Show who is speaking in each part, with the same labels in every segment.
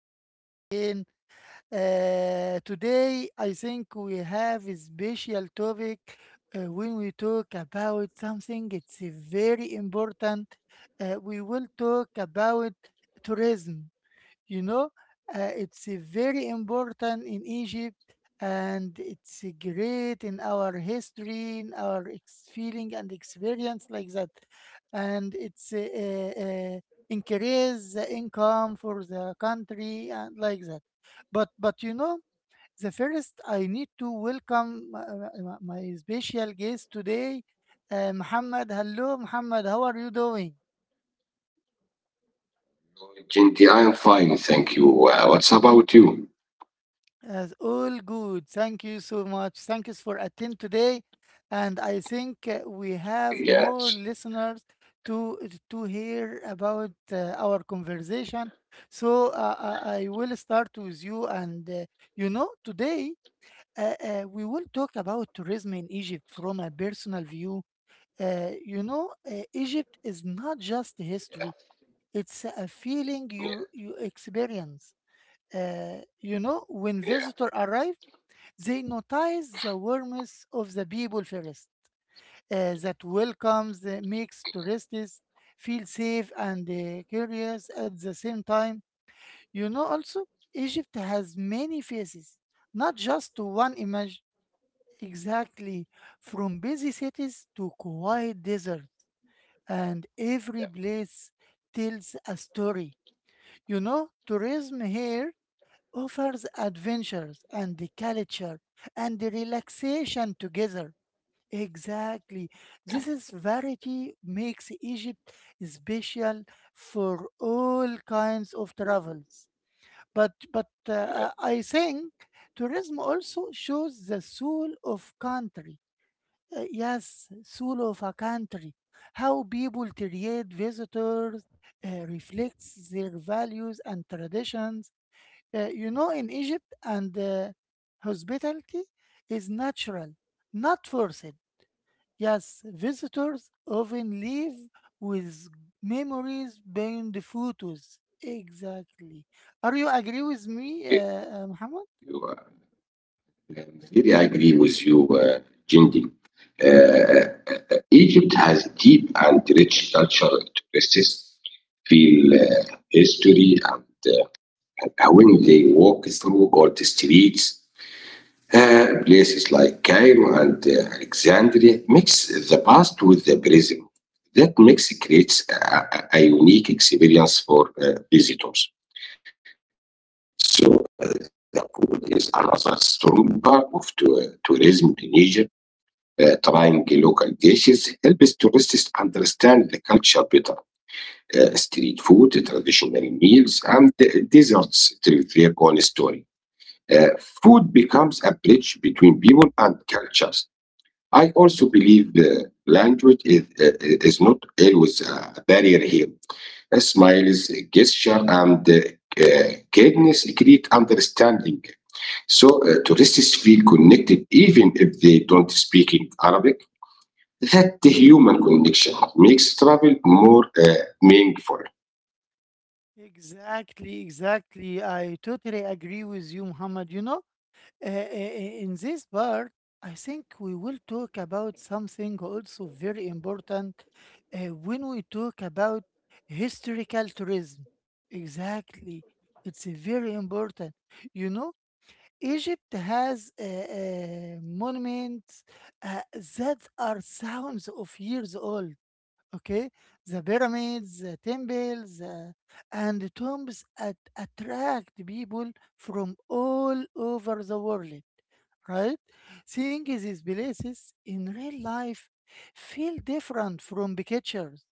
Speaker 1: to us again. Today, I think we have a special topic when we talk about something. It's very important. We will talk about tourism. you know it's very important in egypt, and it's great in our history, in our feeling and experience like that, and it's increase the income for the country and like that. But you know, the first I need to welcome my special guest today, Muhammad. Hello, Muhammad, how are you doing?
Speaker 2: Ginty, I am fine, thank you. What's about you?
Speaker 1: As all good. Thank you so much. Thank you for attend today, and I think we have
Speaker 2: Yes,
Speaker 1: more listeners to hear about our conversation. So I will start with you, and you know, today we will talk about tourism in Egypt from a personal view. You know, Egypt is not just history; it's a feeling
Speaker 2: yeah,
Speaker 1: you experience. You
Speaker 2: yeah,
Speaker 1: know, when visitor arrive, they notice the warmth of the people first, that welcomes, makes tourists feel safe and curious at the same time. You know, also, Egypt has many faces, not just one image. Exactly, from busy cities to quiet deserts, and every place tells a story. You know, tourism here offers adventures and the culture and the relaxation together. Exactly. This is variety makes Egypt special for all kinds of travels. But
Speaker 2: yeah.
Speaker 1: I think tourism also shows the soul of country. Yes, soul of a country. How people treat visitors reflects their values and traditions. You know, in Egypt and hospitality is natural, not forced. Yes, visitors often leave with memories beyond the photos. Exactly. Are you agree with me,
Speaker 2: yeah.
Speaker 1: Muhammad?
Speaker 2: You, uh, I really agree with you, Ginty. Uh, Egypt has deep and rich cultural traces, feel history, uh, and when they walk through old streets. Places like Cairo and Alexandria mix the past with the present. That mix creates a unique experience for visitors. So the food is another strong part of tourism in Egypt. Trying local dishes helps tourists understand the culture better. Street food, traditional meals, and desserts tell their own story. Uh, Food becomes a bridge between people and cultures. I also believe language is not always a barrier here. A smile is a gesture and kindness create understanding. So tourists feel connected even if they don't speak in Arabic. That human connection makes travel more meaningful.
Speaker 1: Exactly, exactly. I totally agree with you, Muhammad. You know, in this part, I think we will talk about something also very important uh, when we talk about historical tourism. Exactly. It's a very important. You know, Egypt has monuments uh, that are thousands of years old. Okay, the pyramids, the temples, and the tombs attract people from all over the world. Right? Seeing these places in real life feel different from pictures.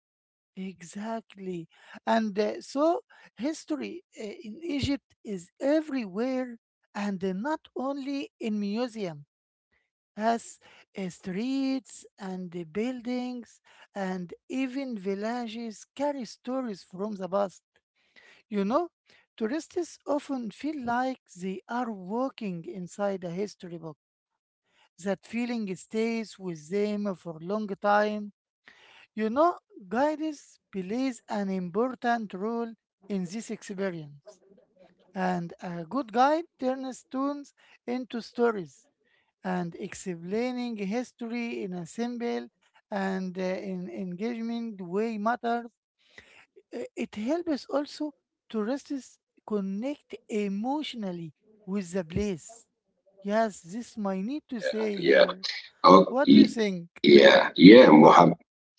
Speaker 1: Exactly. And so history in Egypt is everywhere and not only in museum as streets and the buildings and even villages carry stories from the past. You know, tourists often feel like they are walking inside a history book. That feeling stays with them for a long time. You know, guidance plays an important role in this experience, and a good guide turns stones into stories, and explaining history in a simple and in engaging way matters. It helps also tourists connect emotionally with the place. Yes, this might need to say
Speaker 2: Yeah.
Speaker 1: here.
Speaker 2: Oh,
Speaker 1: What do you
Speaker 2: y-
Speaker 1: think?
Speaker 2: yeah, Muhammad.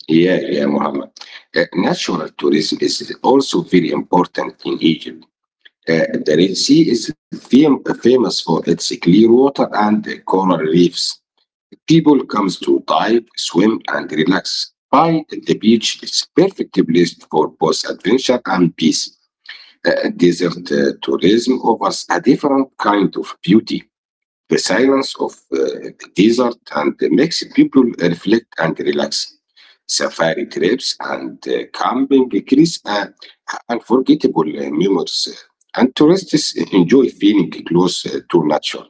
Speaker 2: Yeah, yeah, Muhammad. Natural tourism is also very important in Egypt. The Red Sea is famous for its clear water and coral reefs. People comes to dive, swim, and relax. By the beach, it's perfect place for both adventure and peace. Desert tourism offers a different kind of beauty. The silence of the desert and makes people reflect and relax. Safari trips and camping create unforgettable memories, and tourists enjoy feeling close to nature.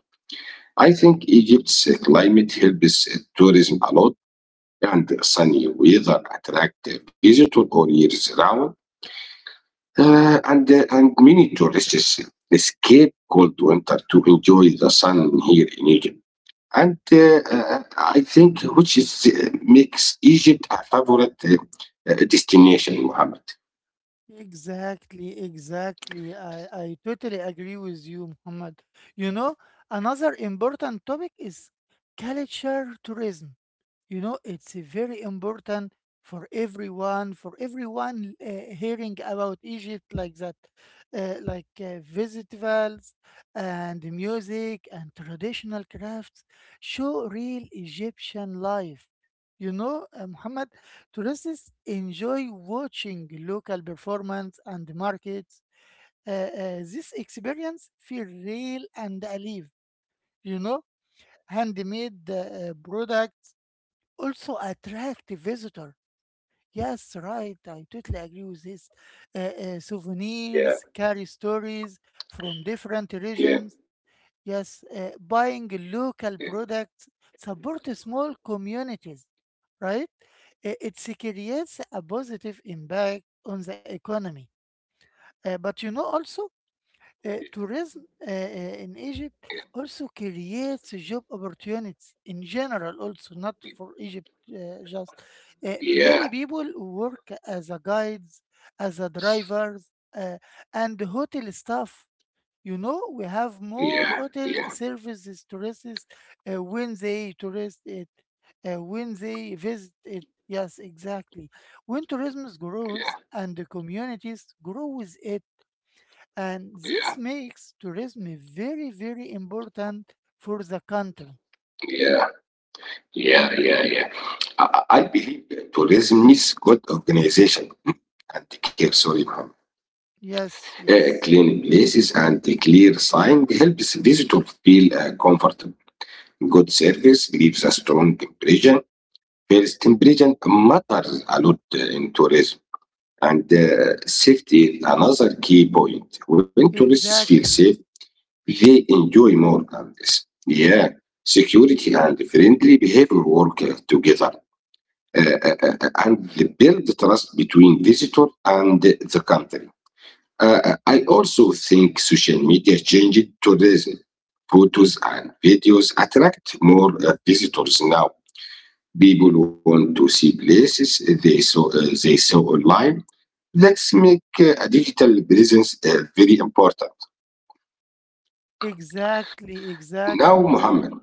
Speaker 2: I think Egypt's climate helps tourism a lot, and sunny weather attract visitors all year round. And many tourists escape cold winter to enjoy the sun here in Egypt. And I think which is makes Egypt a favorite destination, Mohammed.
Speaker 1: Exactly, exactly. I totally agree with you, Muhammad. You know, another important topic is culture tourism. You know, it's very important for everyone hearing about Egypt like that, like festivals and music and traditional crafts show real Egyptian life. You know, Muhammad, tourists enjoy watching local performance and markets. This experience feel real and alive. You know, handmade products also attract visitor. Yes, right. I totally agree with this. Uh,
Speaker 2: Yeah,
Speaker 1: Souvenirs carry stories from different
Speaker 2: yeah,
Speaker 1: regions. Yes, buying local products support small communities, right? It creates a positive impact on the economy. But you know, also, tourism in Egypt also creates job opportunities in general, also, not for Egypt just. Uh,
Speaker 2: yeah,
Speaker 1: many people work as a guides, as a drivers, uh, and hotel staff. You know, we have more
Speaker 2: yeah,
Speaker 1: hotel
Speaker 2: yeah,
Speaker 1: services tourists when they tourist it, when they visit it. Yes, exactly. When tourism
Speaker 2: yeah,
Speaker 1: grows and the communities grow with it, and
Speaker 2: yeah,
Speaker 1: this makes tourism very, very important for the country.
Speaker 2: yeah, yeah, yeah, yeah. I believe tourism needs good organization and care. Sorry, Mohammed.
Speaker 1: Yes, yes,
Speaker 2: Clean places and a clear sign helps visitor feel comfortable. Good service leaves a strong impression. First impression matters a lot in tourism. And safety is another key point. When tourists feel
Speaker 1: exactly,
Speaker 2: safe, they enjoy more. Yeah, security and friendly behavior work together and they build trust between visitor and the country. I also think social media changed tourism. Photos and videos attract more visitors now. People want to see places they saw online. Let's make a digital presence very important.
Speaker 1: exactly,
Speaker 2: Now,
Speaker 1: exactly.
Speaker 2: Muhammad.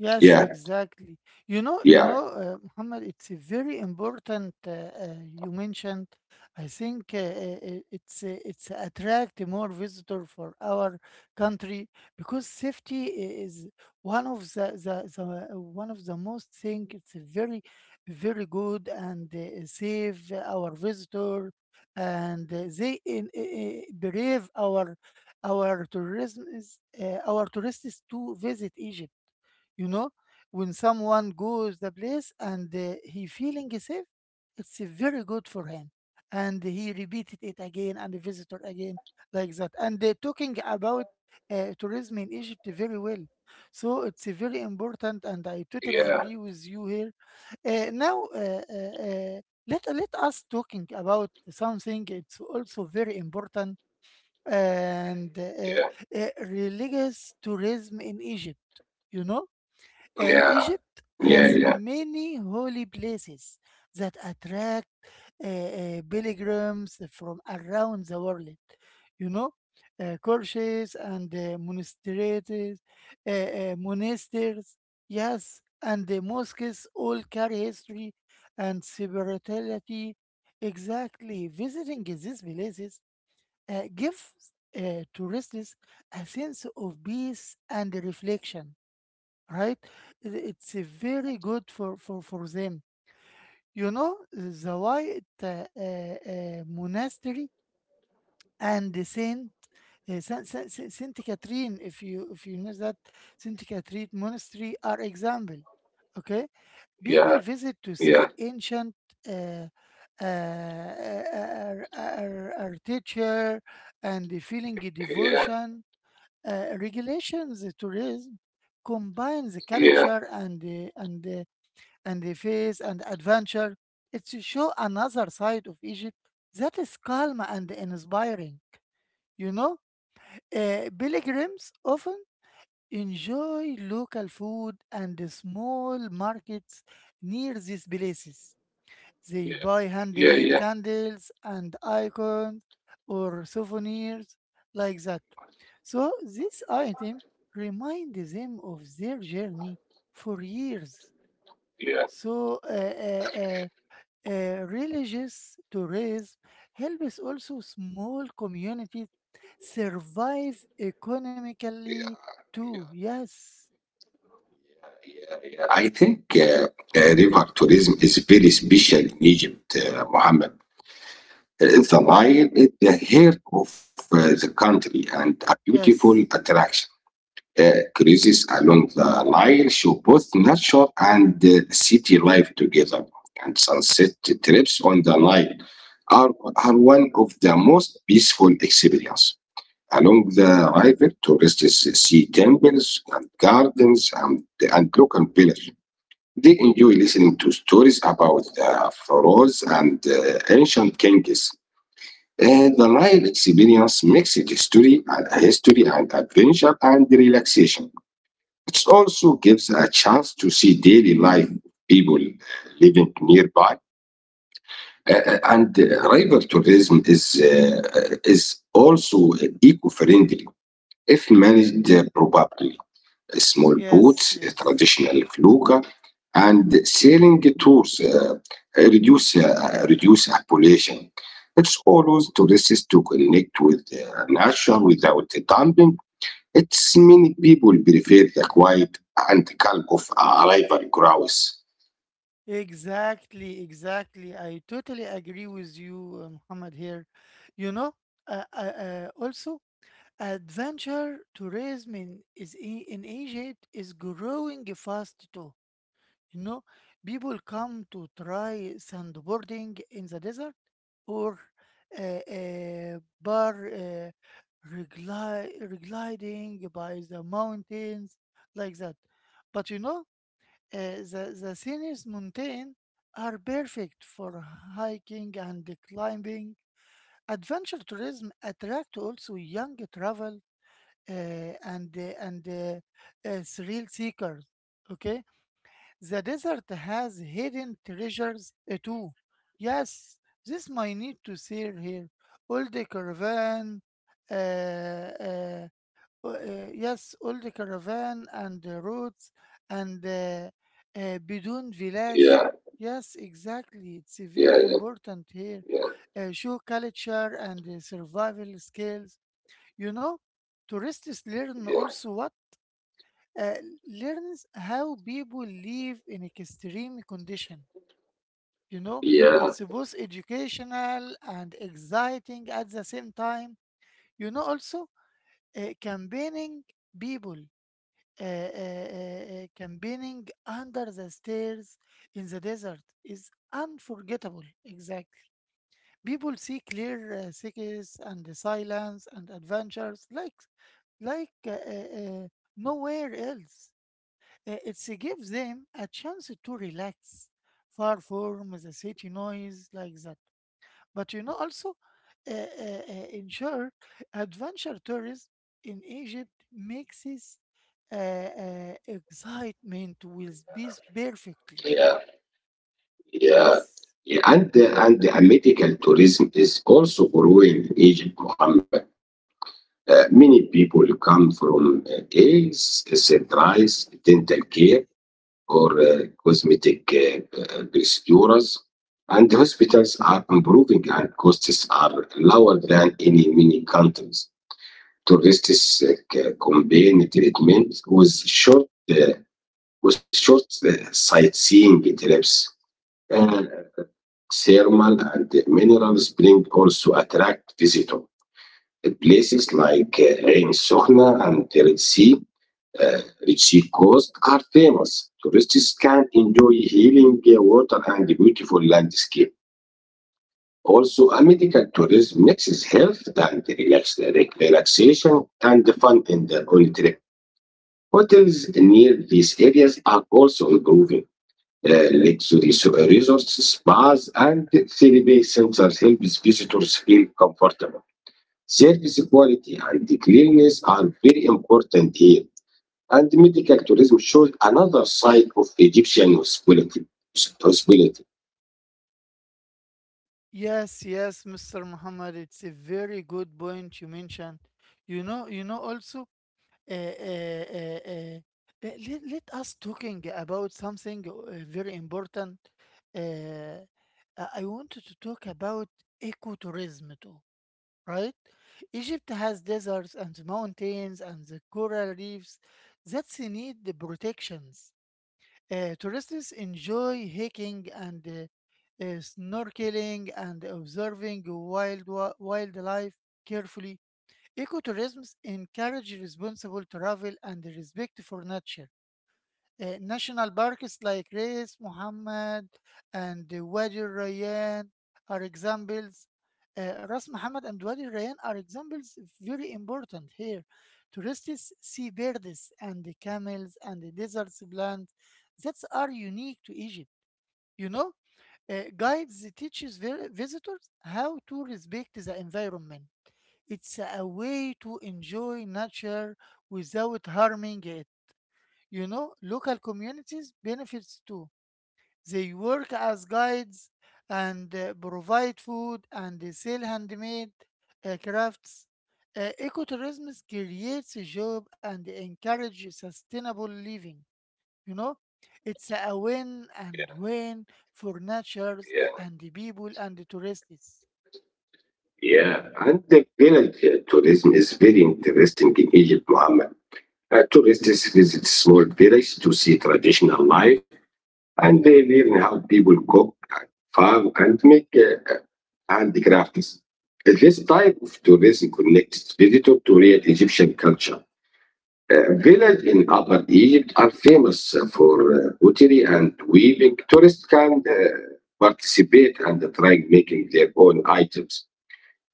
Speaker 1: yes,
Speaker 2: Yeah,
Speaker 1: exactly. You
Speaker 2: yeah,
Speaker 1: know, Muhammad, it's a very important. You mentioned. I think it's attract more visitor for our country because safety is one of the one of the most thing. It's a very, very good and save our visitor, and they in, brave our tourism is our tourists to visit Egypt. You know, when someone goes the place and he feeling safe, it's very good for him, and he repeated it again and visitor again like that, and talking about tourism in egypt very well. So it's very important and I totally
Speaker 2: yeah,
Speaker 1: agree with you here. uh, now uh, uh, uh, Let us talking about something it's also very important and
Speaker 2: yeah,
Speaker 1: religious tourism in egypt. You know,
Speaker 2: yeah,
Speaker 1: Egypt
Speaker 2: yeah,
Speaker 1: has
Speaker 2: yeah,
Speaker 1: many holy places that attract pilgrims from around the world. You know, churches and monasteries, uh, uh, monasteries, yes, and the mosques all carry history and spirituality. Exactly, visiting these places gives tourists a sense of peace and reflection, right? It's very good for them. You know, the white monastery and the Saint Catherine, if you know that, Saint Catherine monastery are example. Okay, people
Speaker 2: yeah,
Speaker 1: visit to
Speaker 2: yeah,
Speaker 1: see
Speaker 2: yeah,
Speaker 1: ancient uh, uh, our teacher and the feeling of
Speaker 2: yeah, yeah,
Speaker 1: devotion, regulations. The tourism combine the culture and the face and adventure. It's to show another side of Egypt that is calm and inspiring. You know, pilgrims often enjoy local food and the small markets near these places. They buy
Speaker 2: yeah,
Speaker 1: handmade
Speaker 2: yeah.
Speaker 1: candles and icons or souvenirs like that. So this item reminds them of their journey for years.
Speaker 2: yeah, yeah.
Speaker 1: So religious tourism helps also small communities survive economically too. Yes,
Speaker 2: I think river tourism is very special in Egypt, Mohammed. The Nile is the heart of the country and a beautiful
Speaker 1: yes,
Speaker 2: attraction. Cruises along the Nile show both nature and city life together, and sunset trips on the Nile are, are one of the most peaceful experiences. Along the river, tourists see temples and gardens and local villages. They enjoy listening to stories about the pharaohs and ancient kings. The Nile experience mixes history and history and adventure and relaxation. It also gives a chance to see daily life of people living nearby. And river tourism is also eco-friendly if managed properly. Small
Speaker 1: yes,
Speaker 2: boats,
Speaker 1: yes.
Speaker 2: traditional felucca, and sailing tours reduce pollution. It allows tourists to connect with nature without dumping it's many people prefer the quiet and calm of a rival grouse.
Speaker 1: Exactly, exactly. I totally agree with you, Muhammad, here. You know, also, adventure tourism in Egypt is growing fast too. You know, people come to try sandboarding in the desert or uh, uh, bar uh, regliding by the mountains like that. But you know, the Sinus mountain are perfect for hiking and climbing. Adventure tourism attract also young travel uh, and thrill seekers. Okay, the desert has hidden treasures eh, too. Yes, this might need to see here. All the caravan, uh, uh, yes, old caravan and the roads and Bidun village.
Speaker 2: Yeah,
Speaker 1: Yes, exactly. It's eh,
Speaker 2: yeah,
Speaker 1: very
Speaker 2: yeah,
Speaker 1: important here.
Speaker 2: yeah,
Speaker 1: Show culture and eh, survival skills. You know, tourists learn also what uh, learns how people live in extreme condition. You know,
Speaker 2: yeah,
Speaker 1: it's both educational and exciting at the same time. You know, also campaigning people, uh, uh, uh, campaigning under the stairs in the desert is unforgettable. Exactly, people see clear cities and the silence and adventures like nowhere else. It gives them a chance to relax far from the city noise like that. But you know, also in short, adventure tourism in Egypt mixes uh, excitement with peace perfectly.
Speaker 2: yeah, yeah.
Speaker 1: Yes.
Speaker 2: yeah. And the medical tourism is also growing in Egypt, Mohammed. Many people come from a centralized dental care or cosmetic procedures, and the hospitals are improving and costs are lower than in many countries. Tourists combine treatment with short sightseeing trips. Uh, Thermal and mineral spring also attract visitors. Places like Ain Sokhna and the Red Sea, uh, Red Sea coast are famous. Tourists can enjoy healing water and beautiful landscape. Also, a medical tourism mixes health and relaxation and fun in the on trip. Hotels near these areas are also improving. Luxury resorts, spas, and therapy centers help visitors feel comfortable. Service quality and cleanliness are very important here. And medical tourism shows another side of Egyptian hospitality.
Speaker 1: Yes, yes, Mr. Muhammad, it's a very good point you mentioned. You know also uh, uh, uh, uh, uh, let us talking about something very important. Uh, I wanted to talk about ecotourism too, right? Egypt has deserts and mountains and the coral reefs that need the protections. Tourists enjoy hiking and snorkeling and observing wildlife carefully. Ecotourism encourages responsible travel and respect for nature. National parks like Reis Muhammad and Wadi Rayyan are examples. Ras Muhammad and Wadi Rayyan are examples very important here. Tourists see birds and the camels and the desert plants that are unique to Egypt. You know, guides teaches visitors how to respect the environment. It's a way to enjoy nature without harming it. You know, local communities benefits too. They work as guides and provide food and they sell handmade crafts. Ecotourism creates a job and encourages sustainable living. You know, it's a win and win for natures
Speaker 2: Yeah,
Speaker 1: and the people and the tourists.
Speaker 2: yeah. and the village tourism is very interesting in Egypt, Muhammad. Tourists visit small villages to see traditional life and they learn how people cook and farm and make handicrafts. This type of tourism connects visitor to real Egyptian culture. Village in Upper Egypt are famous for pottery and weaving. Tourists can participate and try making their own items.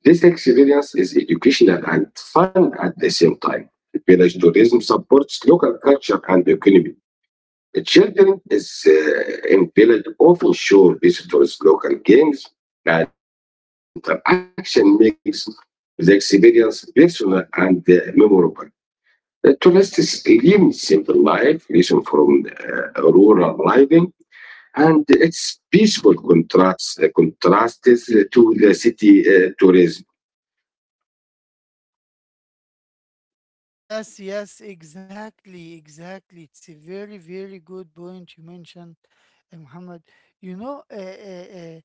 Speaker 2: This experience is educational and fun at the same time. Village tourism supports local culture and economy. The children is in village often show visitors local games, and this interaction makes the experience personal and memorable. The tourists live simple life, listen from rural living, and its peaceful contrasts to the city tourism.
Speaker 1: Yes, yes, exactly, exactly. It's a very, very good point you mentioned, Muhammad. You know, uh, uh, uh,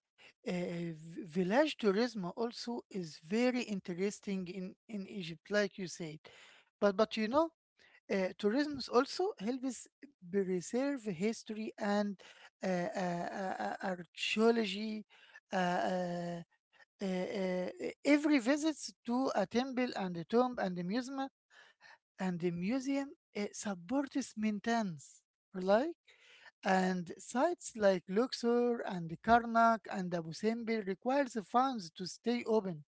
Speaker 1: uh, v- village tourism also is very interesting in Egypt, like you said. But you know, tourism is also helps preserve history and archaeology. Uh, uh, uh, uh, every visits to a temple and a tomb and a museum and the museum supports maintenance, like, and sites like Luxor and Karnak and Abu Simbel requires funds to stay open.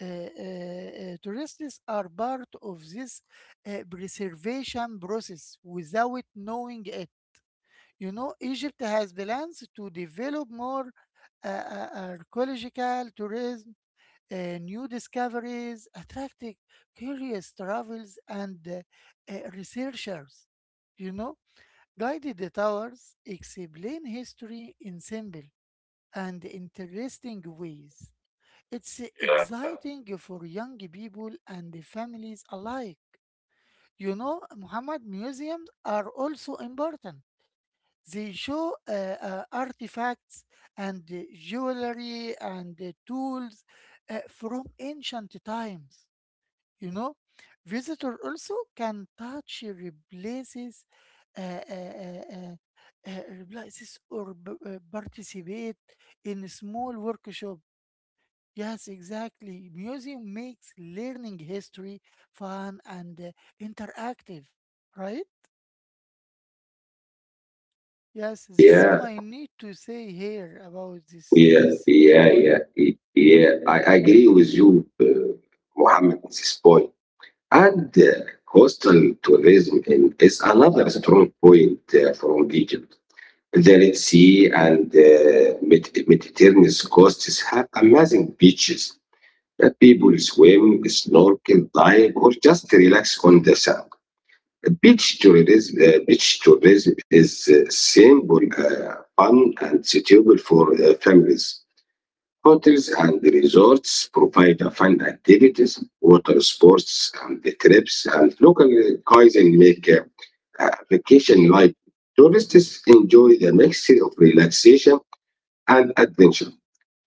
Speaker 1: Uh, uh, tourists are part of this preservation process without knowing it. You know, Egypt has plans to develop more archaeological tourism, new discoveries, attracting curious travels and researchers. You know, guided towers explain history in simple and interesting ways. It's exciting for young people and families alike. You know, Muhammad, museums are also important. They show artifacts and jewelry and tools from ancient times, you know. Visitor also can touch replaces, uh, uh, uh, uh, replaces, or participate in a small workshop. Yes, exactly, museum makes learning history fun and interactive, right? Yes, this is
Speaker 2: Yeah,
Speaker 1: my need to say here about
Speaker 2: Yeah,
Speaker 1: this
Speaker 2: yeah,
Speaker 1: point.
Speaker 2: yeah, y- yeah. I, I agree with you, Mohammed, at this point. And coastal tourism is another strong point from Egypt. The Red Sea and Mediterranean coasts have amazing beaches that people swim, snorkel, dive, or just relax on the sand. Beach tourism is simple, fun, and suitable for families. Hotels and resorts provide fun activities, water sports, and the trips, and local cuisine make vacation life. Tourists enjoy the mixture of relaxation and adventure,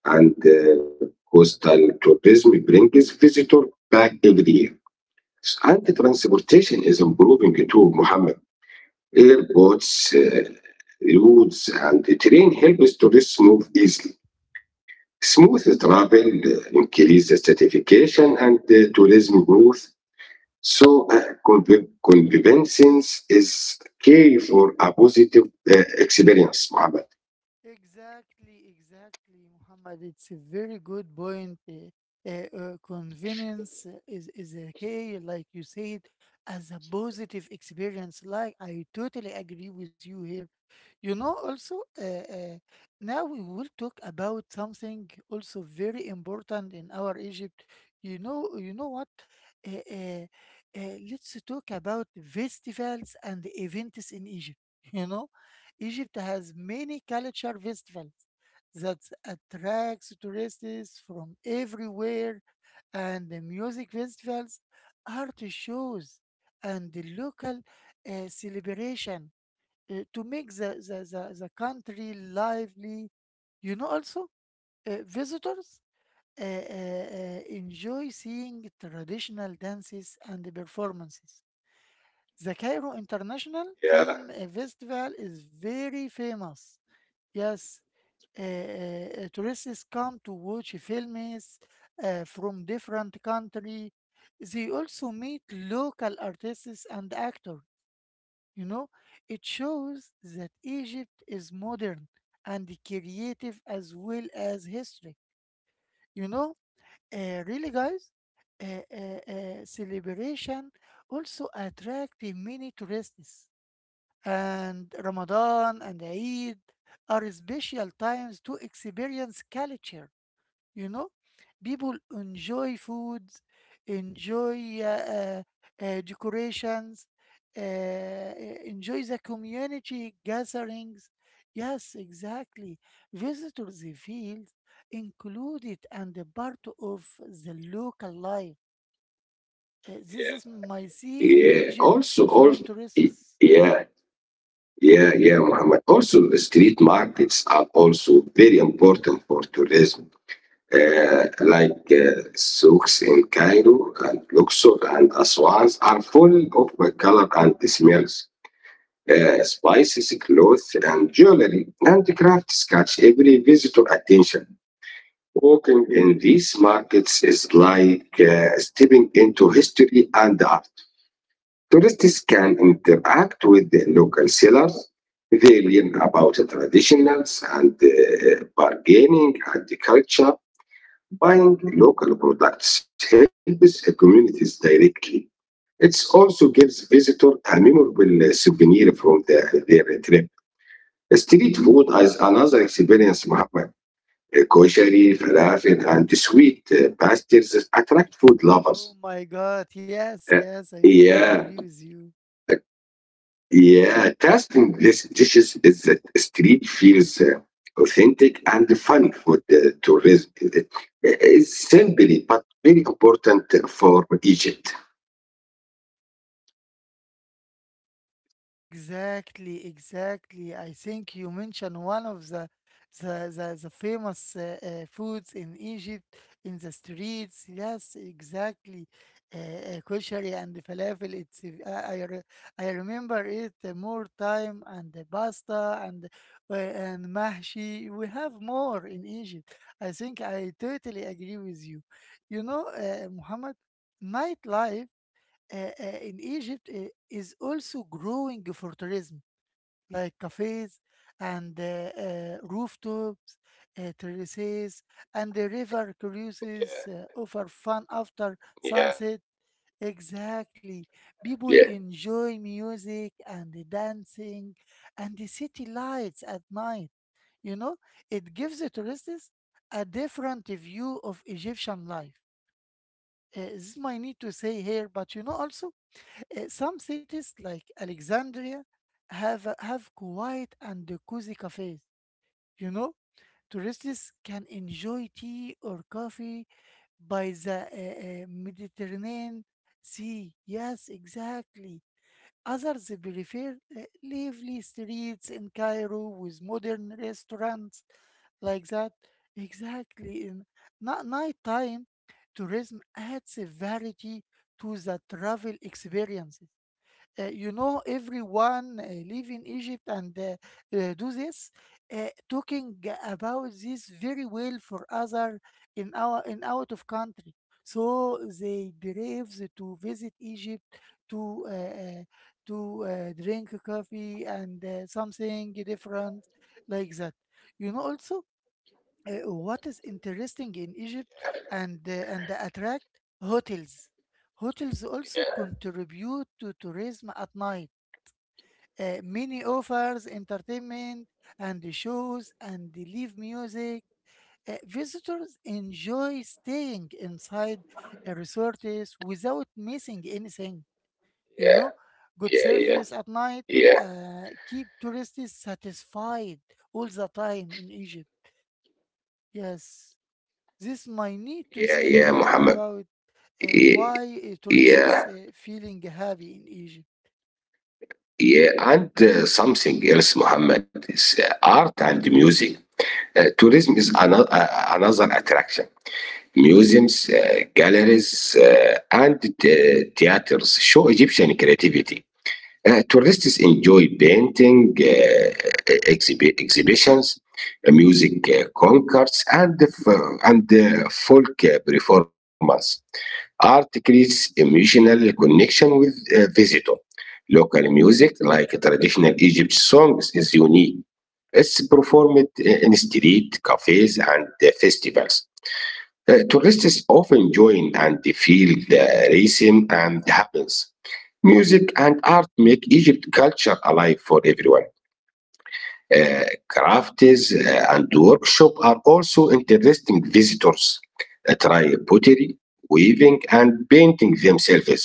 Speaker 2: and coastal tourism brings visitors back every year. And the transportation is improving too, Mohammed. Airports, roads, and the train helps tourists move easily smooth travel, increase certification, and tourism growth. So, convivence is key for a positive experience, Mohammed.
Speaker 1: Exactly, exactly, Muhammad. It's a very good point. Convenience is okay, like you said, as a positive experience. Like, I totally agree with you here. You know, also, now we will talk about something also very important in our Egypt. You know what? Uh, uh, let's talk about festivals and events in Egypt. You know, Egypt has many culture festivals that attracts tourists from everywhere, and the music festivals, art shows, and the local celebration to make the country lively. You know, also, visitors enjoy seeing traditional dances and performances. The Cairo International
Speaker 2: Yeah,
Speaker 1: Film Festival is very famous. Yes, tourists come to watch films from different country. They also meet local artists and actors. You know, it shows that Egypt is modern and creative as well as history. You know, really, guys, celebration also attract many tourists. And Ramadan and Eid are special times to experience culture, you know. People enjoy foods, enjoy decorations, uh, uh, enjoy the community gatherings. Yes, exactly, visitors, they feel included and a part of the local life. This is my see in
Speaker 2: yeah, yeah.
Speaker 1: Egypt
Speaker 2: Also,
Speaker 1: from
Speaker 2: also,
Speaker 1: tourists.
Speaker 2: yeah, yeah, Mohammed. Also, street markets are also very important for tourism, like souks in Cairo and Luxor and Aswan are full of color and smells. Spices, clothes, and jewelry. Handicrafts catch every visitor attention. Walking in these markets is like stepping into history and art. Tourists can interact with the local sellers. They learn about the traditionals and bargaining and the culture. Buying local products helps the communities directly. It also gives visitors a memorable souvenir from the, their trip. Street food is another experience, Muhammad. Koshery, falafel, and sweet pastries attract food lovers.
Speaker 1: Oh my god, yes, yes,
Speaker 2: Uh,
Speaker 1: I totally agree with
Speaker 2: yeah,
Speaker 1: you.
Speaker 2: yeah. Tasting these dishes is that street feels authentic and fun for the tourism. It's simply but very important for Egypt.
Speaker 1: Exactly, exactly. I think you mentioned one of the the famous foods in Egypt in the streets. Yes, exactly. Koshari and falafel. It's I remember it more time, and the pasta and mahshi. We have more in Egypt. I think I totally agree with you. You know, Muhammad, nightlife in Egypt is also growing for tourism, like cafes and rooftops, terraces, and the river cruises
Speaker 2: Yeah,
Speaker 1: offer fun after
Speaker 2: yeah,
Speaker 1: sunset. Exactly. People
Speaker 2: yeah,
Speaker 1: enjoy music and the dancing and the city lights at night. You know, it gives the tourists a different view of Egyptian life. This is my need to say here, but you know also some cities like Alexandria have quiet and cozy cafes. You know, tourists can enjoy tea or coffee by the Mediterranean Sea. Yes, exactly. Others prefer lively streets in Cairo with modern restaurants, like that. Exactly. In nighttime, tourism adds a variety to the travel experience. You know, everyone live in Egypt and do this, talking about this very well for other in our, in out of country. So they braves to visit Egypt to uh, uh, to drink coffee and something different like that. You know, also, what is interesting in Egypt and attract hotels. Hotels also contribute to tourism at night. Many offers entertainment and shows and live music. Visitors enjoy staying inside resorts without missing anything. You know, good
Speaker 2: yeah, yeah,
Speaker 1: service at night
Speaker 2: yeah,
Speaker 1: keep tourists satisfied all the time in Egypt. Yes. This might need to
Speaker 2: yeah,
Speaker 1: say
Speaker 2: yeah,
Speaker 1: here
Speaker 2: Muhammad.
Speaker 1: about
Speaker 2: Yeah,
Speaker 1: why tourists
Speaker 2: yeah.
Speaker 1: feeling heavy in Egypt.
Speaker 2: Yeah, and something else, Muhammad, is art and music. Tourism is another attraction. Museums, galleries, and theaters show Egyptian creativity. Tourists enjoy painting exhibitions, music concerts, and the folk performance. Art creates emotional connection with visitor. Local music, like traditional Egypt songs, is unique. It's performed in street cafes and festivals. Tourists often join and feel the rhythm and happens. Music and art make Egypt culture alive for everyone. Uh, Crafts and workshop are also interesting visitors. Try pottery, weaving, and painting themselves.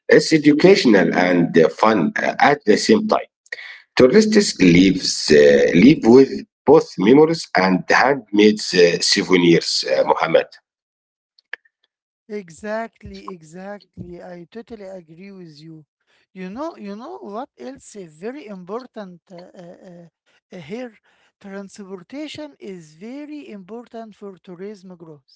Speaker 2: It's educational and fun at the same time. Tourists live with both memories and handmade souvenirs, Mohammed.
Speaker 1: Exactly, exactly. I totally agree with you. You know what else is very important, here? Transportation is very important for tourism growth.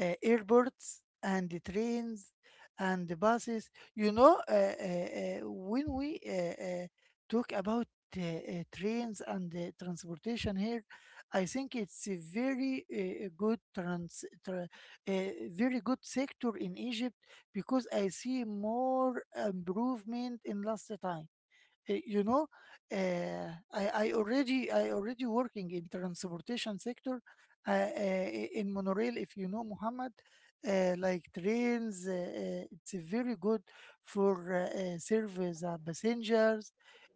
Speaker 1: Airports and the trains and the buses. You know, when we talk about trains and transportation here, I think it's a very good very good sector in Egypt, because I see more improvement in last time. Eh, you know, I already working in transportation sector in monorail, if you know, Muhammad. Like trains, it's a very good for service. Passengers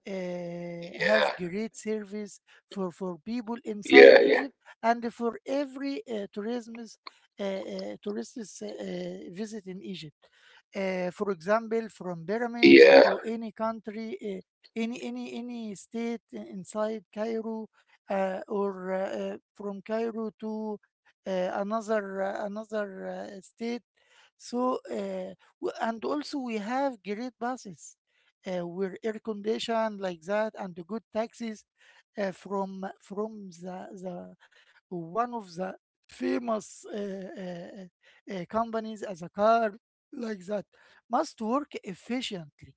Speaker 1: have
Speaker 2: Yeah.
Speaker 1: great service for people inside
Speaker 2: Yeah, yeah,
Speaker 1: Egypt, and for every tourism, tourists visit in Egypt, for example, from
Speaker 2: yeah,
Speaker 1: pyramids to any country, eh, any state inside Cairo, or from Cairo to another, another state. So, and also we have great buses with air condition, like that, and good taxis from the one of the famous companies as a car, like that, must work efficiently.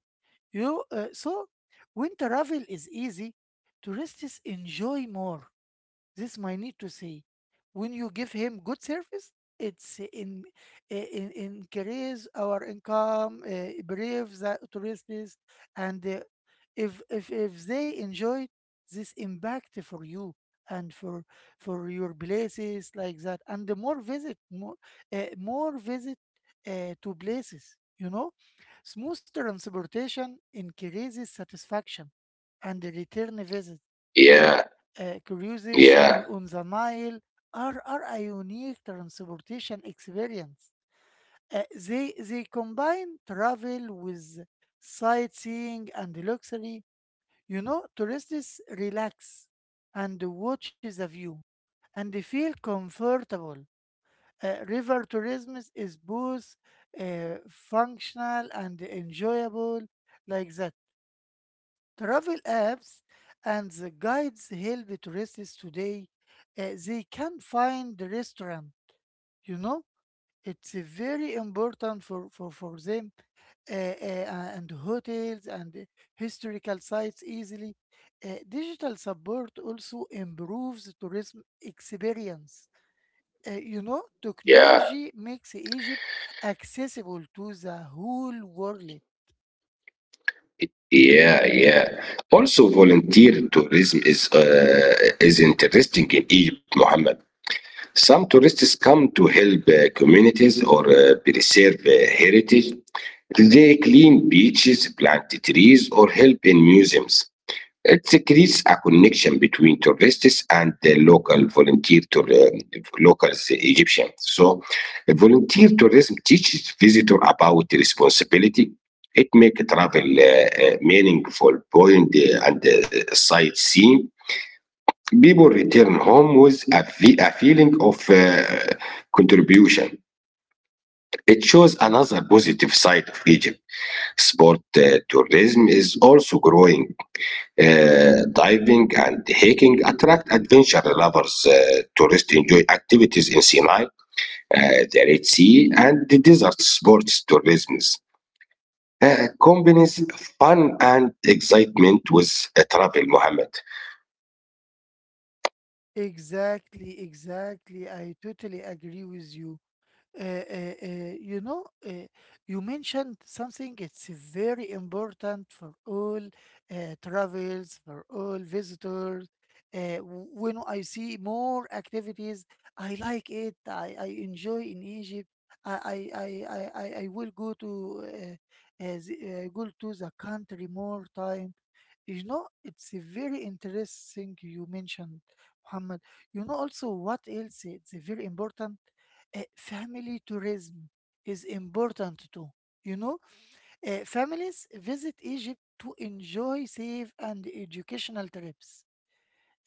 Speaker 1: You, so when travel is easy, tourists enjoy more. This I need to say. When you give him good service, it's in, in increase our income, brave the tourists, and if they enjoy, this impact for you and for your places, like that, and the more visit more, more visit to places. You know, smooth transportation increases satisfaction and the return visit.
Speaker 2: yeah,
Speaker 1: Cruises
Speaker 2: yeah,
Speaker 1: on the Nile are a unique transportation experience. They combine travel with sightseeing and luxury. You know, tourists relax and watch the view, and they feel comfortable. River tourism is both functional and enjoyable, like that. Travel apps and the guides help tourists today. They can find the restaurant, you know? It's very important for, for them, and hotels and historical sites easily. Digital support also improves tourism experience. You know,
Speaker 2: yeah,
Speaker 1: technology makes Egypt accessible to the whole world.
Speaker 2: yeah. yeah. Also, volunteer tourism is interesting in Egypt, Mohammed. Some tourists come to help communities or preserve heritage. They clean beaches, plant trees, or help in museums. It creates a connection between tourists and the locals Egyptians. So, volunteer tourism teaches visitors about the responsibility. It makes travel meaningful, buoyant, and sightseeing. People return home with a feeling of contribution. It shows another positive side of Egypt. Sport tourism is also growing. Diving and hiking attract adventure lovers. Tourists enjoy activities in Sinai, the Red Sea, and the desert sports tourism. Combines fun and excitement with travel, Mohammed.
Speaker 1: Exactly, exactly. I totally agree with you. You know, you mentioned something. It's very important for all travels, for all visitors. When I see more activities, I like it. I enjoy in Egypt. I will go to go to the country more time. You know, it's a very interesting you mentioned, Muhammad. You know also what else? It's very important, family tourism is important too. You know, families visit Egypt to enjoy safe and educational trips,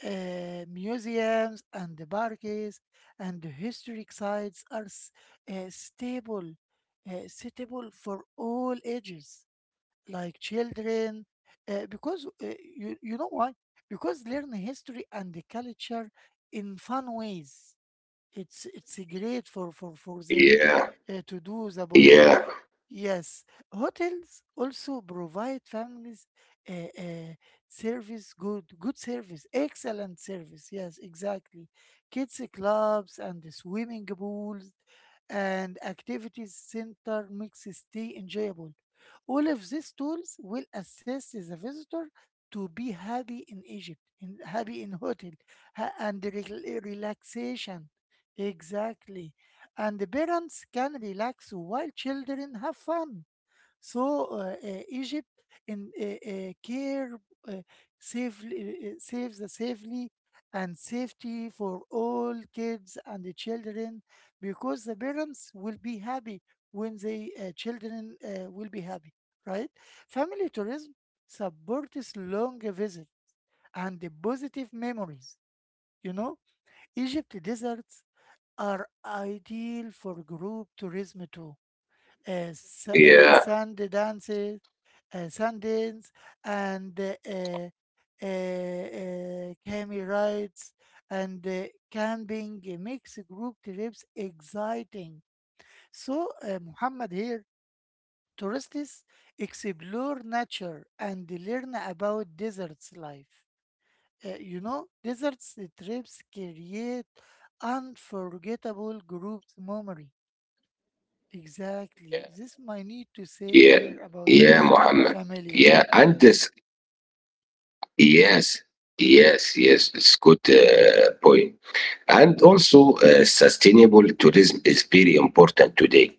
Speaker 1: museums and the parks and the historic sites are stable, suitable for all ages, like children, because you, you know why? Because learn history and the culture in fun ways, it's great for for them,
Speaker 2: Yeah,
Speaker 1: to do the both.
Speaker 2: yeah,
Speaker 1: Yes, hotels also provide families uh, uh, service. Good, good service, excellent service. Yes, exactly. Kids clubs and the swimming pools and activities center makes stay enjoyable. All of these tools will assist the visitor to be happy in Egypt, in happy in hotel, and the relaxation. Exactly, and the parents can relax while children have fun. So, Egypt in care, uh, safely, saves the safely and safety for all kids and the children, because the parents will be happy when the children will be happy, right? Family tourism supports long visit and the positive memories. You know, Egypt deserts are ideal for group tourism too.
Speaker 2: yeah,
Speaker 1: Sand dances, sand dance, and camel rides and camping, eh, makes group trips exciting. So, Muhammad, here, tourists explore nature and learn about deserts life. You know, deserts trips create unforgettable group memory. Exactly. This my need to say
Speaker 2: yeah,
Speaker 1: here about
Speaker 2: yeah,
Speaker 1: this
Speaker 2: Mohammed.
Speaker 1: familiar.
Speaker 2: Yeah, and
Speaker 1: Yes.
Speaker 2: this yes, yes, yes. It's good point. And also, sustainable tourism is very important today.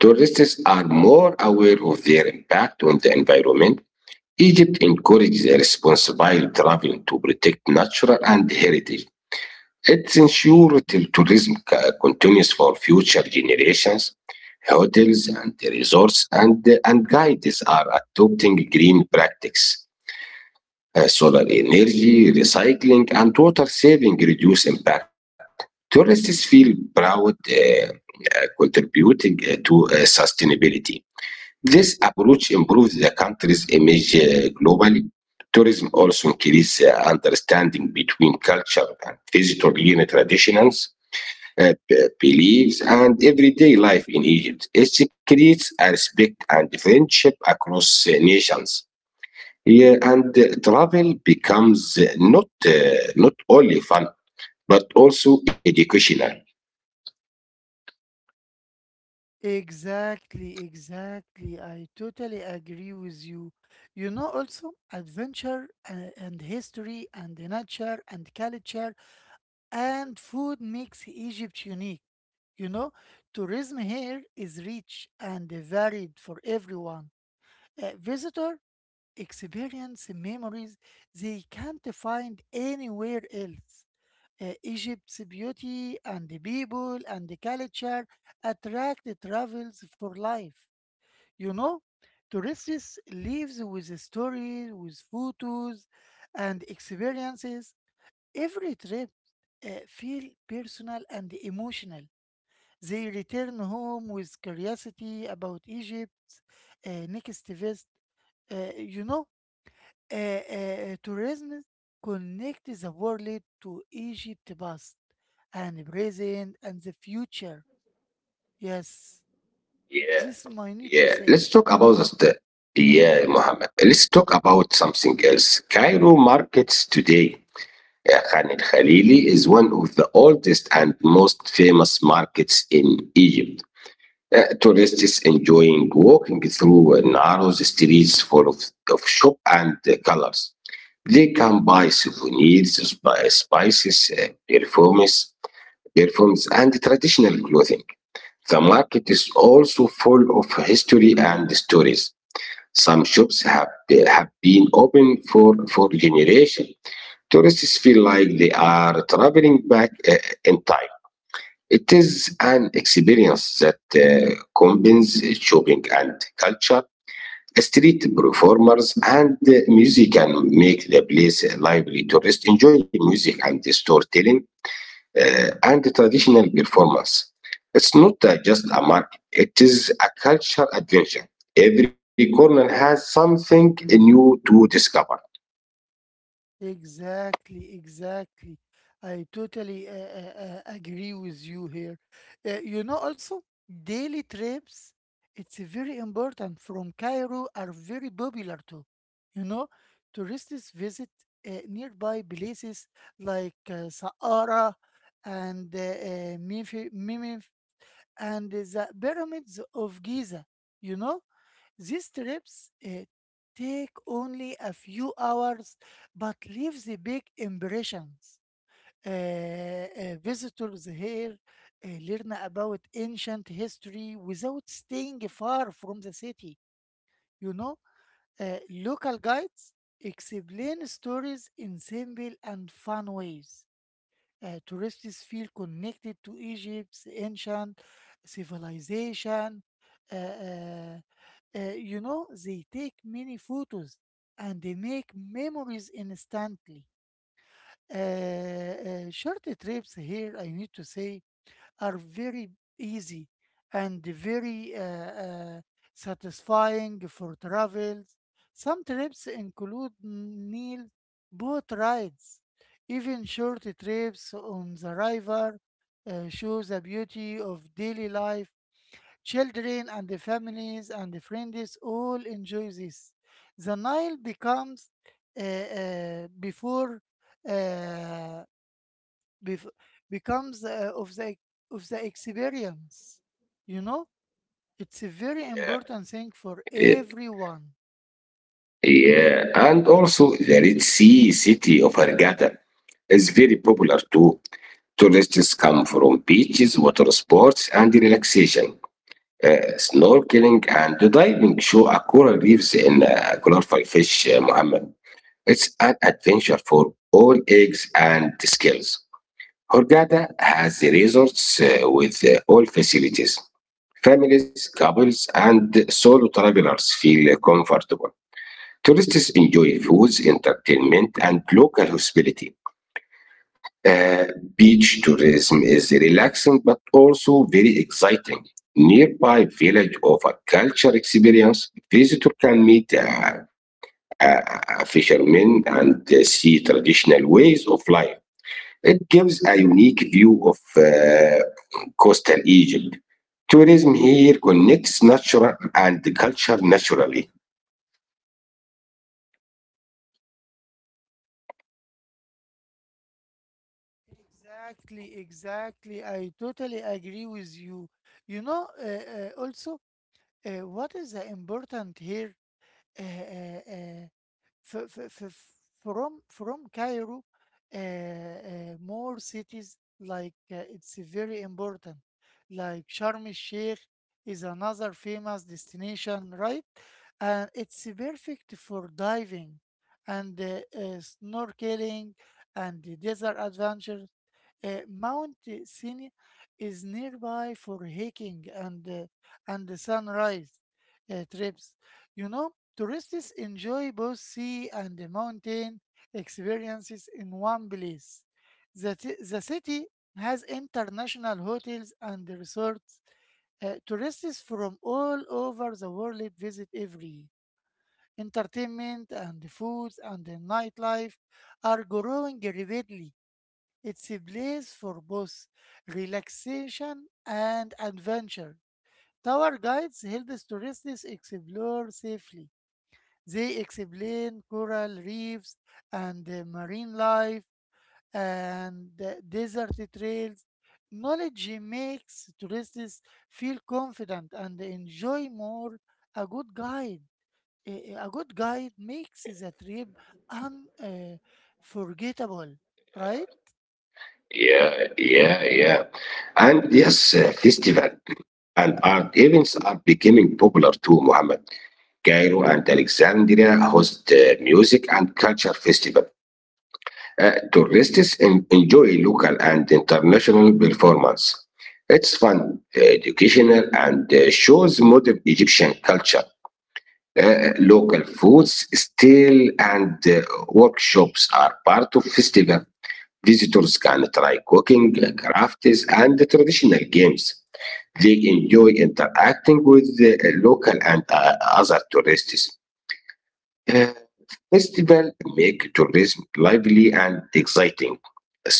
Speaker 2: Tourists are more aware of their impact on the environment. Egypt encourages a responsible travel to protect nature and heritage. It ensures that tourism continues for future generations. Hotels and resorts and guides are adopting green practices solar energy, recycling, and water saving reduce impact. Tourists feel proud contributing to sustainability. This approach improves the country's image globally. Tourism also increases understanding between culture and visitor-oriented traditions, beliefs, and everyday life in Egypt. It creates a respect and friendship across nations. Yeah, and travel becomes not only fun but also educational.
Speaker 1: Exactly, exactly. I totally agree with you. You know, also adventure and history and the nature and culture and food makes Egypt unique. You know, tourism here is rich and varied for everyone. Visitor experience memories they can't find anywhere else. Egypt's beauty and the people and the culture attract the travels for life. You know, tourists leaves with stories, with photos, and experiences. Every trip feel personal and emotional. They return home with curiosity about Egypt's next visit. You know, tourism connects the world to Egypt's past and present and the future. Yes,
Speaker 2: Yeah,
Speaker 1: this I need to
Speaker 2: yeah.
Speaker 1: say.
Speaker 2: Let's talk about the... Yeah, Mohammed. Let's talk about something else. Cairo markets today. Khan el Khalili is one of the oldest and most famous markets in Egypt. Tourists enjoying walking through narrow streets full of shop and colors. They can buy souvenirs, spices, perfumes, and traditional clothing. The market is also full of history and stories. Some shops have been open for generations. Tourists feel like they are traveling back in time. It is an experience that combines shopping and culture street performers and musicians make the place lively. Tourists enjoy music and storytelling and traditional performance. It's not just a market, it is a cultural adventure. Every corner has something new to discover.
Speaker 1: Exactly, exactly. I totally agree with you here. You know, also, daily trips, it's very important, from Cairo are very popular too. You know, tourists visit nearby places like Saqqara and Memphis, and the pyramids of Giza, you know? These trips, eh, take only a few hours but leave the big impressions. Visitors here learn about ancient history without staying far from the city. You know, local guides explain stories in simple and fun ways. Tourists feel connected to Egypt's ancient civilization. Uh, uh, they take many photos and they make memories instantly. Short trips here, I need to say, are very easy and very satisfying for travels. Some trips include meal boat rides. Even short trips on the river show the beauty of daily life. Children and the families and the friends all enjoy this. The Nile becomes before uh, bef becomes of the experience. You know, it's a very important thing for
Speaker 2: Uh,
Speaker 1: everyone.
Speaker 2: yeah, and also the Red Sea city of Hurghada is very popular too. Tourists come from beaches, water sports, and relaxation. Snorkeling, and diving show a coral reefs in colorful fish, Muhammad. It's an adventure for all eggs and skills. Hurghada has the resorts with all facilities. Families, couples, and solo travelers feel comfortable. Tourists enjoy foods, entertainment, and local hospitality. Beach tourism is relaxing but also very exciting. Nearby village offer culture experience. Visitor can meet uh, fishermen and see traditional ways of life. It gives a unique view of coastal Egypt. Tourism here connects natural and culture naturally.
Speaker 1: Exactly, exactly. I totally agree with you. You know, also, what is important here? Uh, uh, uh, f f f From Cairo, more cities like it's very important. Like Sharm el-Sheikh is another famous destination, right? And it's perfect for diving and snorkeling and the desert adventures. Mount Sinai is nearby for hiking and the sunrise trips. You know, tourists enjoy both sea and the mountain experiences in one place. The city has international hotels and resorts. Tourists from all over the world visit every entertainment and foods and the nightlife are growing rapidly. It's a place for both relaxation and adventure. Tour guides help tourists explore safely. They explain coral reefs and marine life and desert trails. Knowledge makes tourists feel confident and enjoy more a good guide. A good guide makes the trip unforgettable, right?
Speaker 2: Yeah, yeah, yeah. And yes, festival and art events are becoming popular too, Mohammed. Cairo and Alexandria host music and culture festival. Tourists enjoy local and international performance. It's fun, educational, and shows modern Egyptian culture. Local foods, stall and workshops are part of festival. Visitors can try cooking, crafts, and traditional games. They enjoy interacting with the local and other tourists. Uh, Festival make tourism lively and exciting.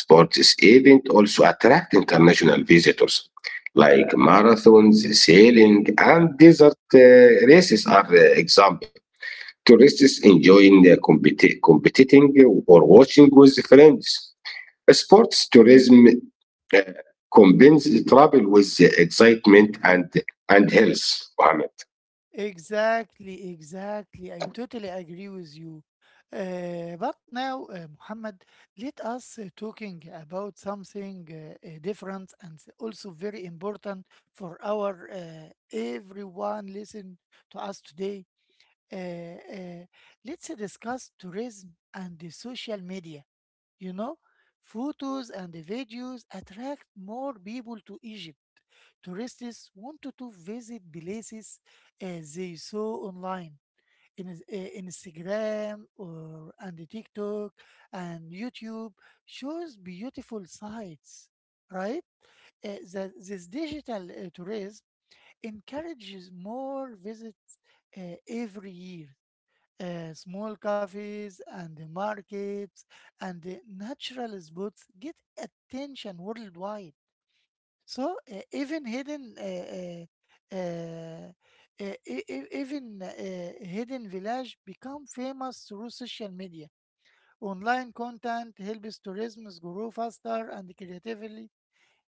Speaker 2: Sports event also attract international visitors, like marathons, sailing, and desert races are example tourists enjoying competing or watching with friends. Sports tourism uh, combines travel with excitement and health. Mohammed.
Speaker 1: Exactly, exactly. I totally agree with you. But now, Muhammad, let us talking about something different and also very important for our everyone listen to us today. Uh, uh, let's discuss tourism and the social media. You know, photos and the videos attract more people to Egypt. Tourists wanted to visit places they saw online in Instagram or and the TikTok and YouTube shows beautiful sites, right? That this digital tourism encourages more visits every year. Small cafes and the markets and the natural spots get attention worldwide. So even hidden, even hidden village become famous through social media. Online content helps tourism grow faster and creatively,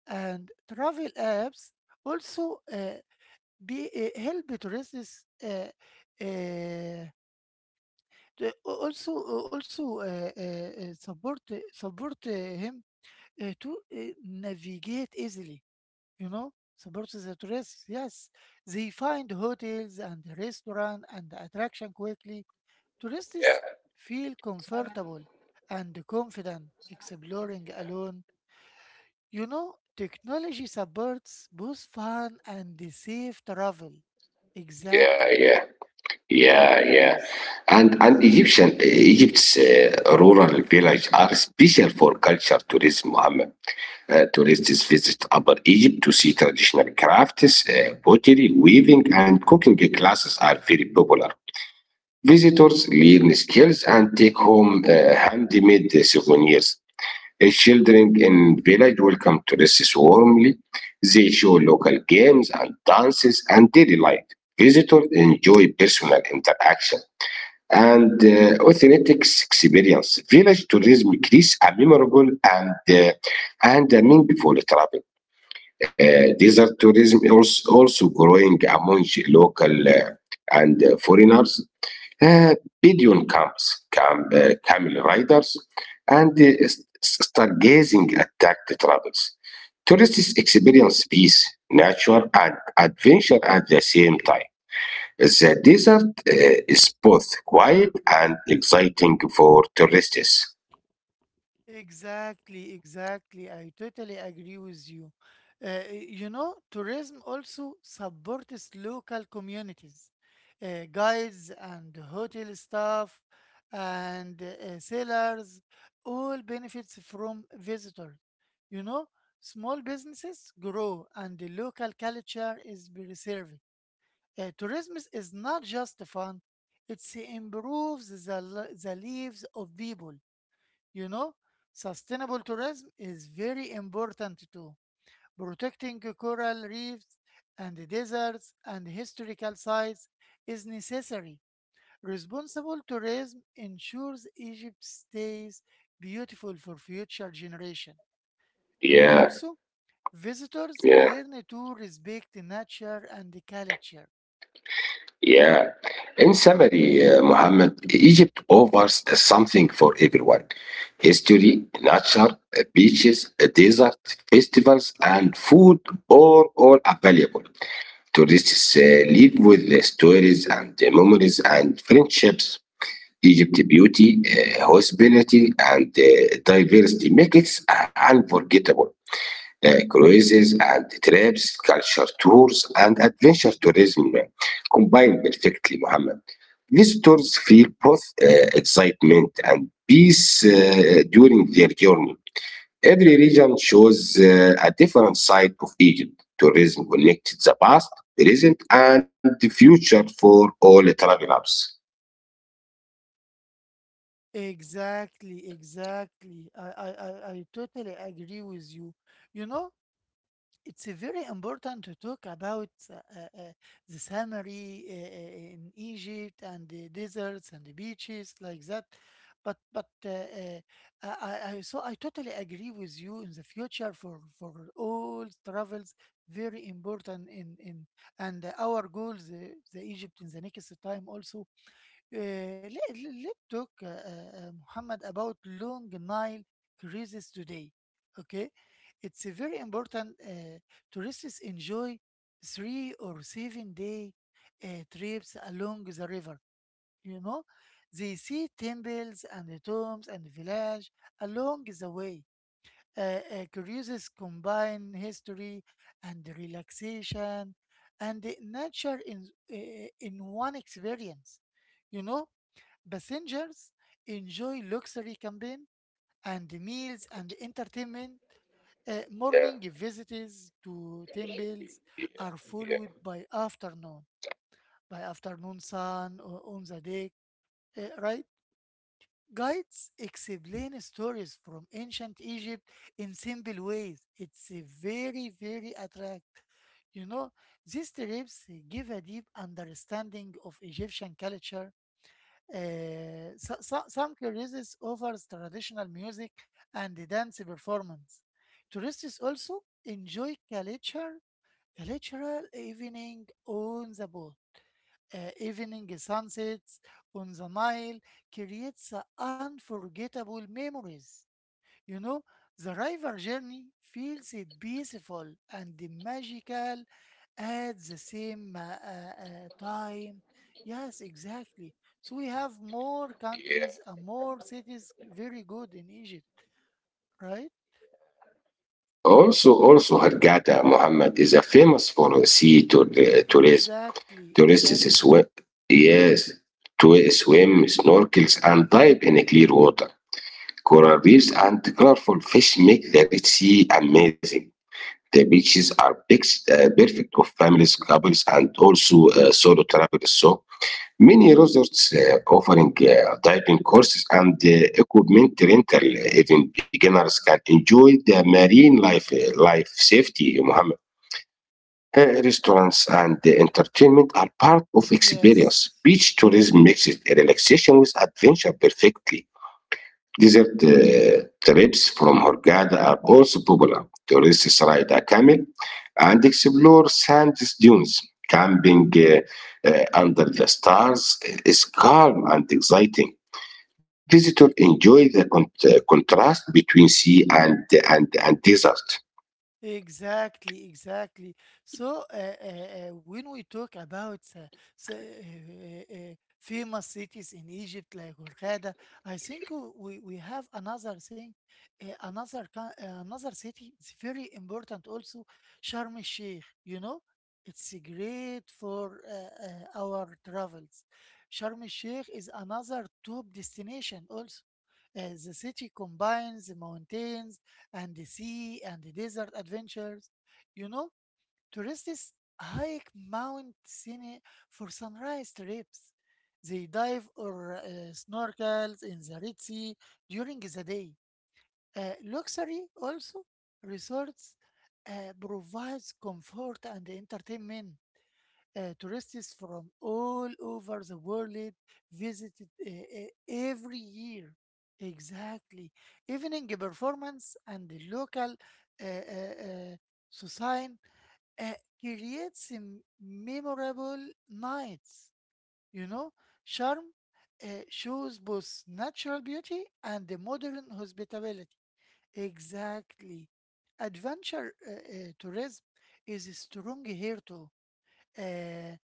Speaker 1: and travel apps also help tourists uh, the- al- also also support him to navigate easily, you know, support the tourists. Yes, they find hotels and restaurant and attraction quickly. Tourists feel comfortable and confident exploring alone. You know, technology supports both fun and the safe travel.
Speaker 2: Yeah,
Speaker 1: Exactly.
Speaker 2: yeah, yeah, yeah.
Speaker 1: Yes,
Speaker 2: And
Speaker 1: yes.
Speaker 2: Egyptian Egypt's rural villages are special for culture tourism. Mohammed. Tourists visit Upper Egypt to see traditional crafts, pottery, weaving, and cooking classes are very popular. Visitors learn skills and take home handmade souvenirs. Children in village welcome tourists warmly. They show local games and dances and daily life. Visitors enjoy personal interaction and authentic experience. Village tourism creates a memorable and a meaningful travel. Desert tourism is also growing among local and foreigners. Uh, Pigeon camps, camel riders, and stargazing attract travels. Tourists experience peace, nature, and adventure at the same time. The desert is both quiet and exciting for tourists.
Speaker 1: Exactly, exactly. I totally agree with you. You know, tourism also supports local communities, guides and hotel staff and sailors, all benefits from visitors. You know, small businesses grow and the local culture is preserved. Tourism is not just fun, it improves the lives of people. You know, sustainable tourism is very important too. Protecting coral reefs and deserts and historical sites is necessary. Responsible tourism ensures Egypt stays beautiful for future generations. You know,
Speaker 2: Yeah,
Speaker 1: also, visitors
Speaker 2: yeah.
Speaker 1: learn to respect nature and culture.
Speaker 2: Yeah. In summary, Muhammad, Egypt offers something for everyone history, nature, beaches, a desert, festivals, and food are all available. Tourists live with the stories and the memories and friendships. Egypt beauty, hospitality, and diversity make it unforgettable. Cruises and trips, culture tours, and adventure tourism combined perfectly, Mohammed. Visitors feel both excitement and peace during their journey. Every region shows a different side of Egypt. Tourism connected the past, present, and the future for all travelers.
Speaker 1: Exactly, exactly. I totally agree with you. You know, it's a very important to talk about the scenery in Egypt and the deserts and the beaches like that. But I- so I totally agree with you in the future for all travels very important in and our goals, the Egypt in the next time also. Let's talk, Muhammad, about Long Nile cruises today. Okay, it's a very important. Tourists enjoy 3 or 7 day uh, trips along the river. You know, they see temples and the tombs and the village along the way. Uh, Cruises combine history and relaxation and the nature in one experience. You know, passengers enjoy luxury camping and meals and entertainment. Morning visits to temples are followed by afternoon sun on the deck, right? Guides explain stories from ancient Egypt in simple ways. It's a very, very attract. You know, these trips give a deep understanding of Egyptian culture. Some cruises offers traditional music and dance performance. Tourists also enjoy culture, cultural evening on the boat. Evening sunsets on the Nile creates unforgettable memories. You know, the river journey feels peaceful and magical at the same time. Yes, exactly. So we have more countries and more cities very good in Egypt, right?
Speaker 2: Also, also Hurghada, Muhammad, is a famous for sea tour, tourism.
Speaker 1: Exactly,
Speaker 2: Tourists
Speaker 1: exactly.
Speaker 2: swim, yes, to swim, snorkels, and dive in clear water. Coral reefs and colorful fish make the Red Sea amazing. The beaches are perfect for families, couples, and also solo travelers. So many resorts offering diving courses and equipment rental, even beginners can enjoy the marine life, life safety, Mohammed. Restaurants and entertainment are part of experience.
Speaker 1: Yes.
Speaker 2: Beach tourism makes it a relaxation with adventure perfectly. Desert trips from Hurghada are also popular. Tourists ride a camel and explore sand dunes. Camping under the stars is calm and exciting. Visitors enjoy the contrast between sea and desert.
Speaker 1: Exactly, exactly. So, when we talk about famous cities in Egypt like Hurghada, I think we have another thing, another city. It's very important also, Sharm el Sheikh. You know, it's great for our travels. Sharm el Sheikh is another top destination also. The city combines the mountains and the sea and the desert adventures. You know, tourists hike Mount Sinai for sunrise trips. They dive or snorkels in the Red Sea during the day. Luxury also resorts provides comfort and entertainment. Tourists from all over the world visited every year. Exactly. Evening performance and the local uh, uh, uh, society uh, creates a memorable nights. You know, charm shows both natural beauty and the modern hospitality. Exactly. Adventure tourism is strong here too. uh,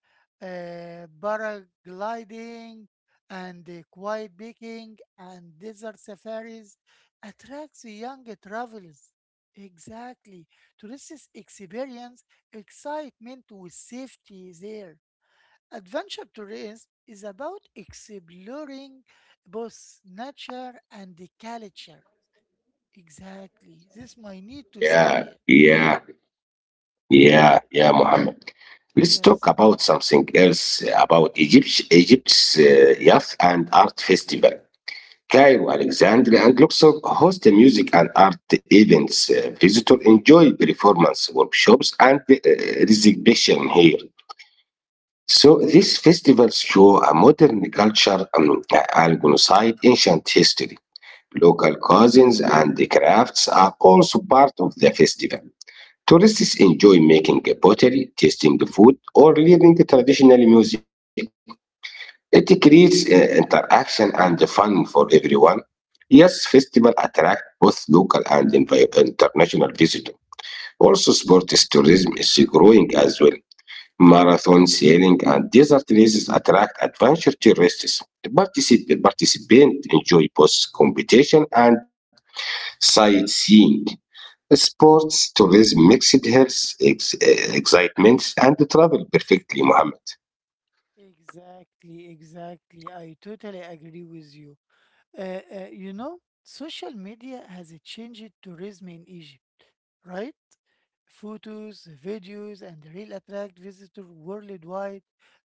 Speaker 1: Paragliding and quiet picking and desert safaris attracts young travelers. Exactly. Tourists experience excitement with safety there. Adventure tourism is about exploring both nature and the culture. Exactly. This might need to say
Speaker 2: Yeah,
Speaker 1: here.
Speaker 2: yeah, yeah, yeah, Mohammed. Let's talk
Speaker 1: Yes,
Speaker 2: about something else about Egypt's Youth and Art Festival. Cairo, Alexandria, and Luxor host music and art events. Visitors enjoy performance workshops and exhibition here. So these festivals show a modern culture alongside ancient history. Local cuisines and the crafts are also part of the festival. Tourists enjoy making pottery, tasting the food, or learning traditional music. It creates interaction and fun for everyone. Yes, festival attract both local and international visitors. Also, sports tourism is growing as well. Marathon sailing and desert races attract adventure tourists. Participants enjoy both competition and sightseeing. Sports tourism mixed health excitements and travel perfectly, Mohammed.
Speaker 1: exactly, exactly. I totally agree with you. You know, social media has changed tourism in Egypt, right? Photos, videos, and real attract visitors worldwide.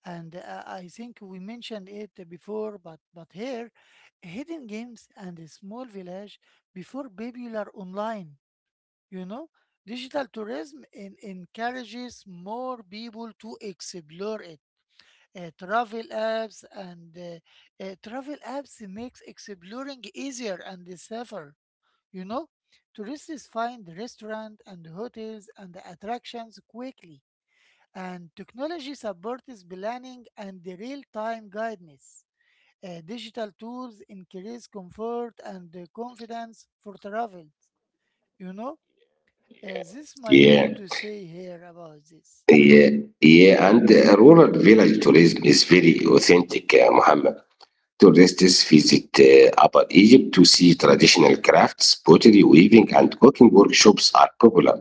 Speaker 1: And I think we mentioned it before, but here, hidden games and a small village before popular online. You know, digital tourism encourages more people to explore it. uh, travel apps and Travel apps makes exploring easier and safer. You know, tourists find restaurants and hotels and attractions quickly, and technology supports planning and real-time guidance. Digital tools increase comfort and confidence for travel, you know. This my need
Speaker 2: Yeah.
Speaker 1: to say here about this.
Speaker 2: Yeah, yeah, and rural village tourism is very authentic, Muhammad. Tourists visit Upper Egypt to see traditional crafts, pottery, weaving, and cooking workshops are popular.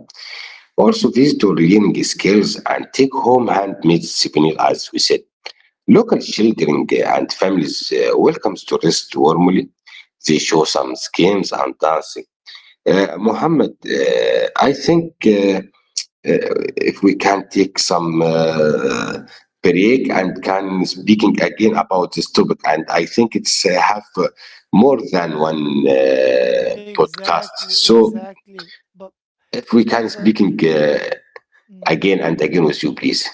Speaker 2: Also, visitors learn skills and take home handmade souvenir, as we said. Local children and families welcome tourists warmly. They show some schemes and dancing. Muhammad, I think. If we can take some break and can speaking again about this topic and I think it's have more than one podcast
Speaker 1: Exactly,
Speaker 2: so
Speaker 1: exactly. but
Speaker 2: if
Speaker 1: but
Speaker 2: we
Speaker 1: but,
Speaker 2: can
Speaker 1: but
Speaker 2: speaking
Speaker 1: mhm.
Speaker 2: again and again with you please.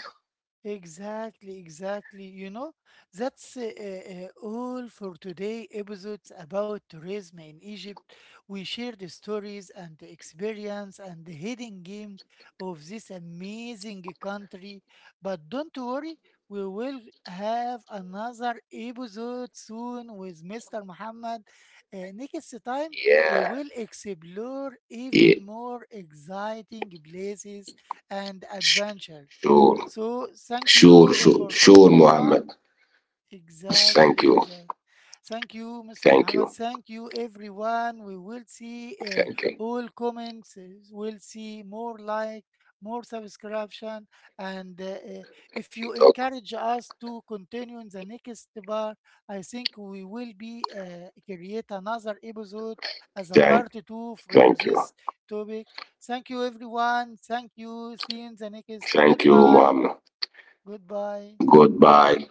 Speaker 1: Exactly, exactly. You know, that's all for today episodes about tourism in Egypt. We shared the stories and the experience and the hidden games of this amazing country. But don't worry, we will have another episode soon with Mr. Muhammad. Next time,
Speaker 2: Yeah,
Speaker 1: we will explore
Speaker 2: yeah.
Speaker 1: even more exciting places and adventures.
Speaker 2: Sure,
Speaker 1: So thank
Speaker 2: sure
Speaker 1: you
Speaker 2: sure
Speaker 1: for
Speaker 2: sure
Speaker 1: everyone.
Speaker 2: Muhammad. Thank
Speaker 1: Exactly,
Speaker 2: you.
Speaker 1: exactly. Thank you, Mr.
Speaker 2: Thank
Speaker 1: Muhammad.
Speaker 2: you.
Speaker 1: Thank you, everyone. We will see
Speaker 2: Thank you.
Speaker 1: all comments. We'll see more like, more subscription, and if you encourage us to continue in the next bar, I think we will be create another episode as a part
Speaker 2: thank
Speaker 1: two from this
Speaker 2: Thank you.
Speaker 1: topic. Thank you, everyone. Thank you. See you in the next.
Speaker 2: Thank you,
Speaker 1: Goodbye.
Speaker 2: Muhammad.
Speaker 1: Goodbye.
Speaker 2: Goodbye.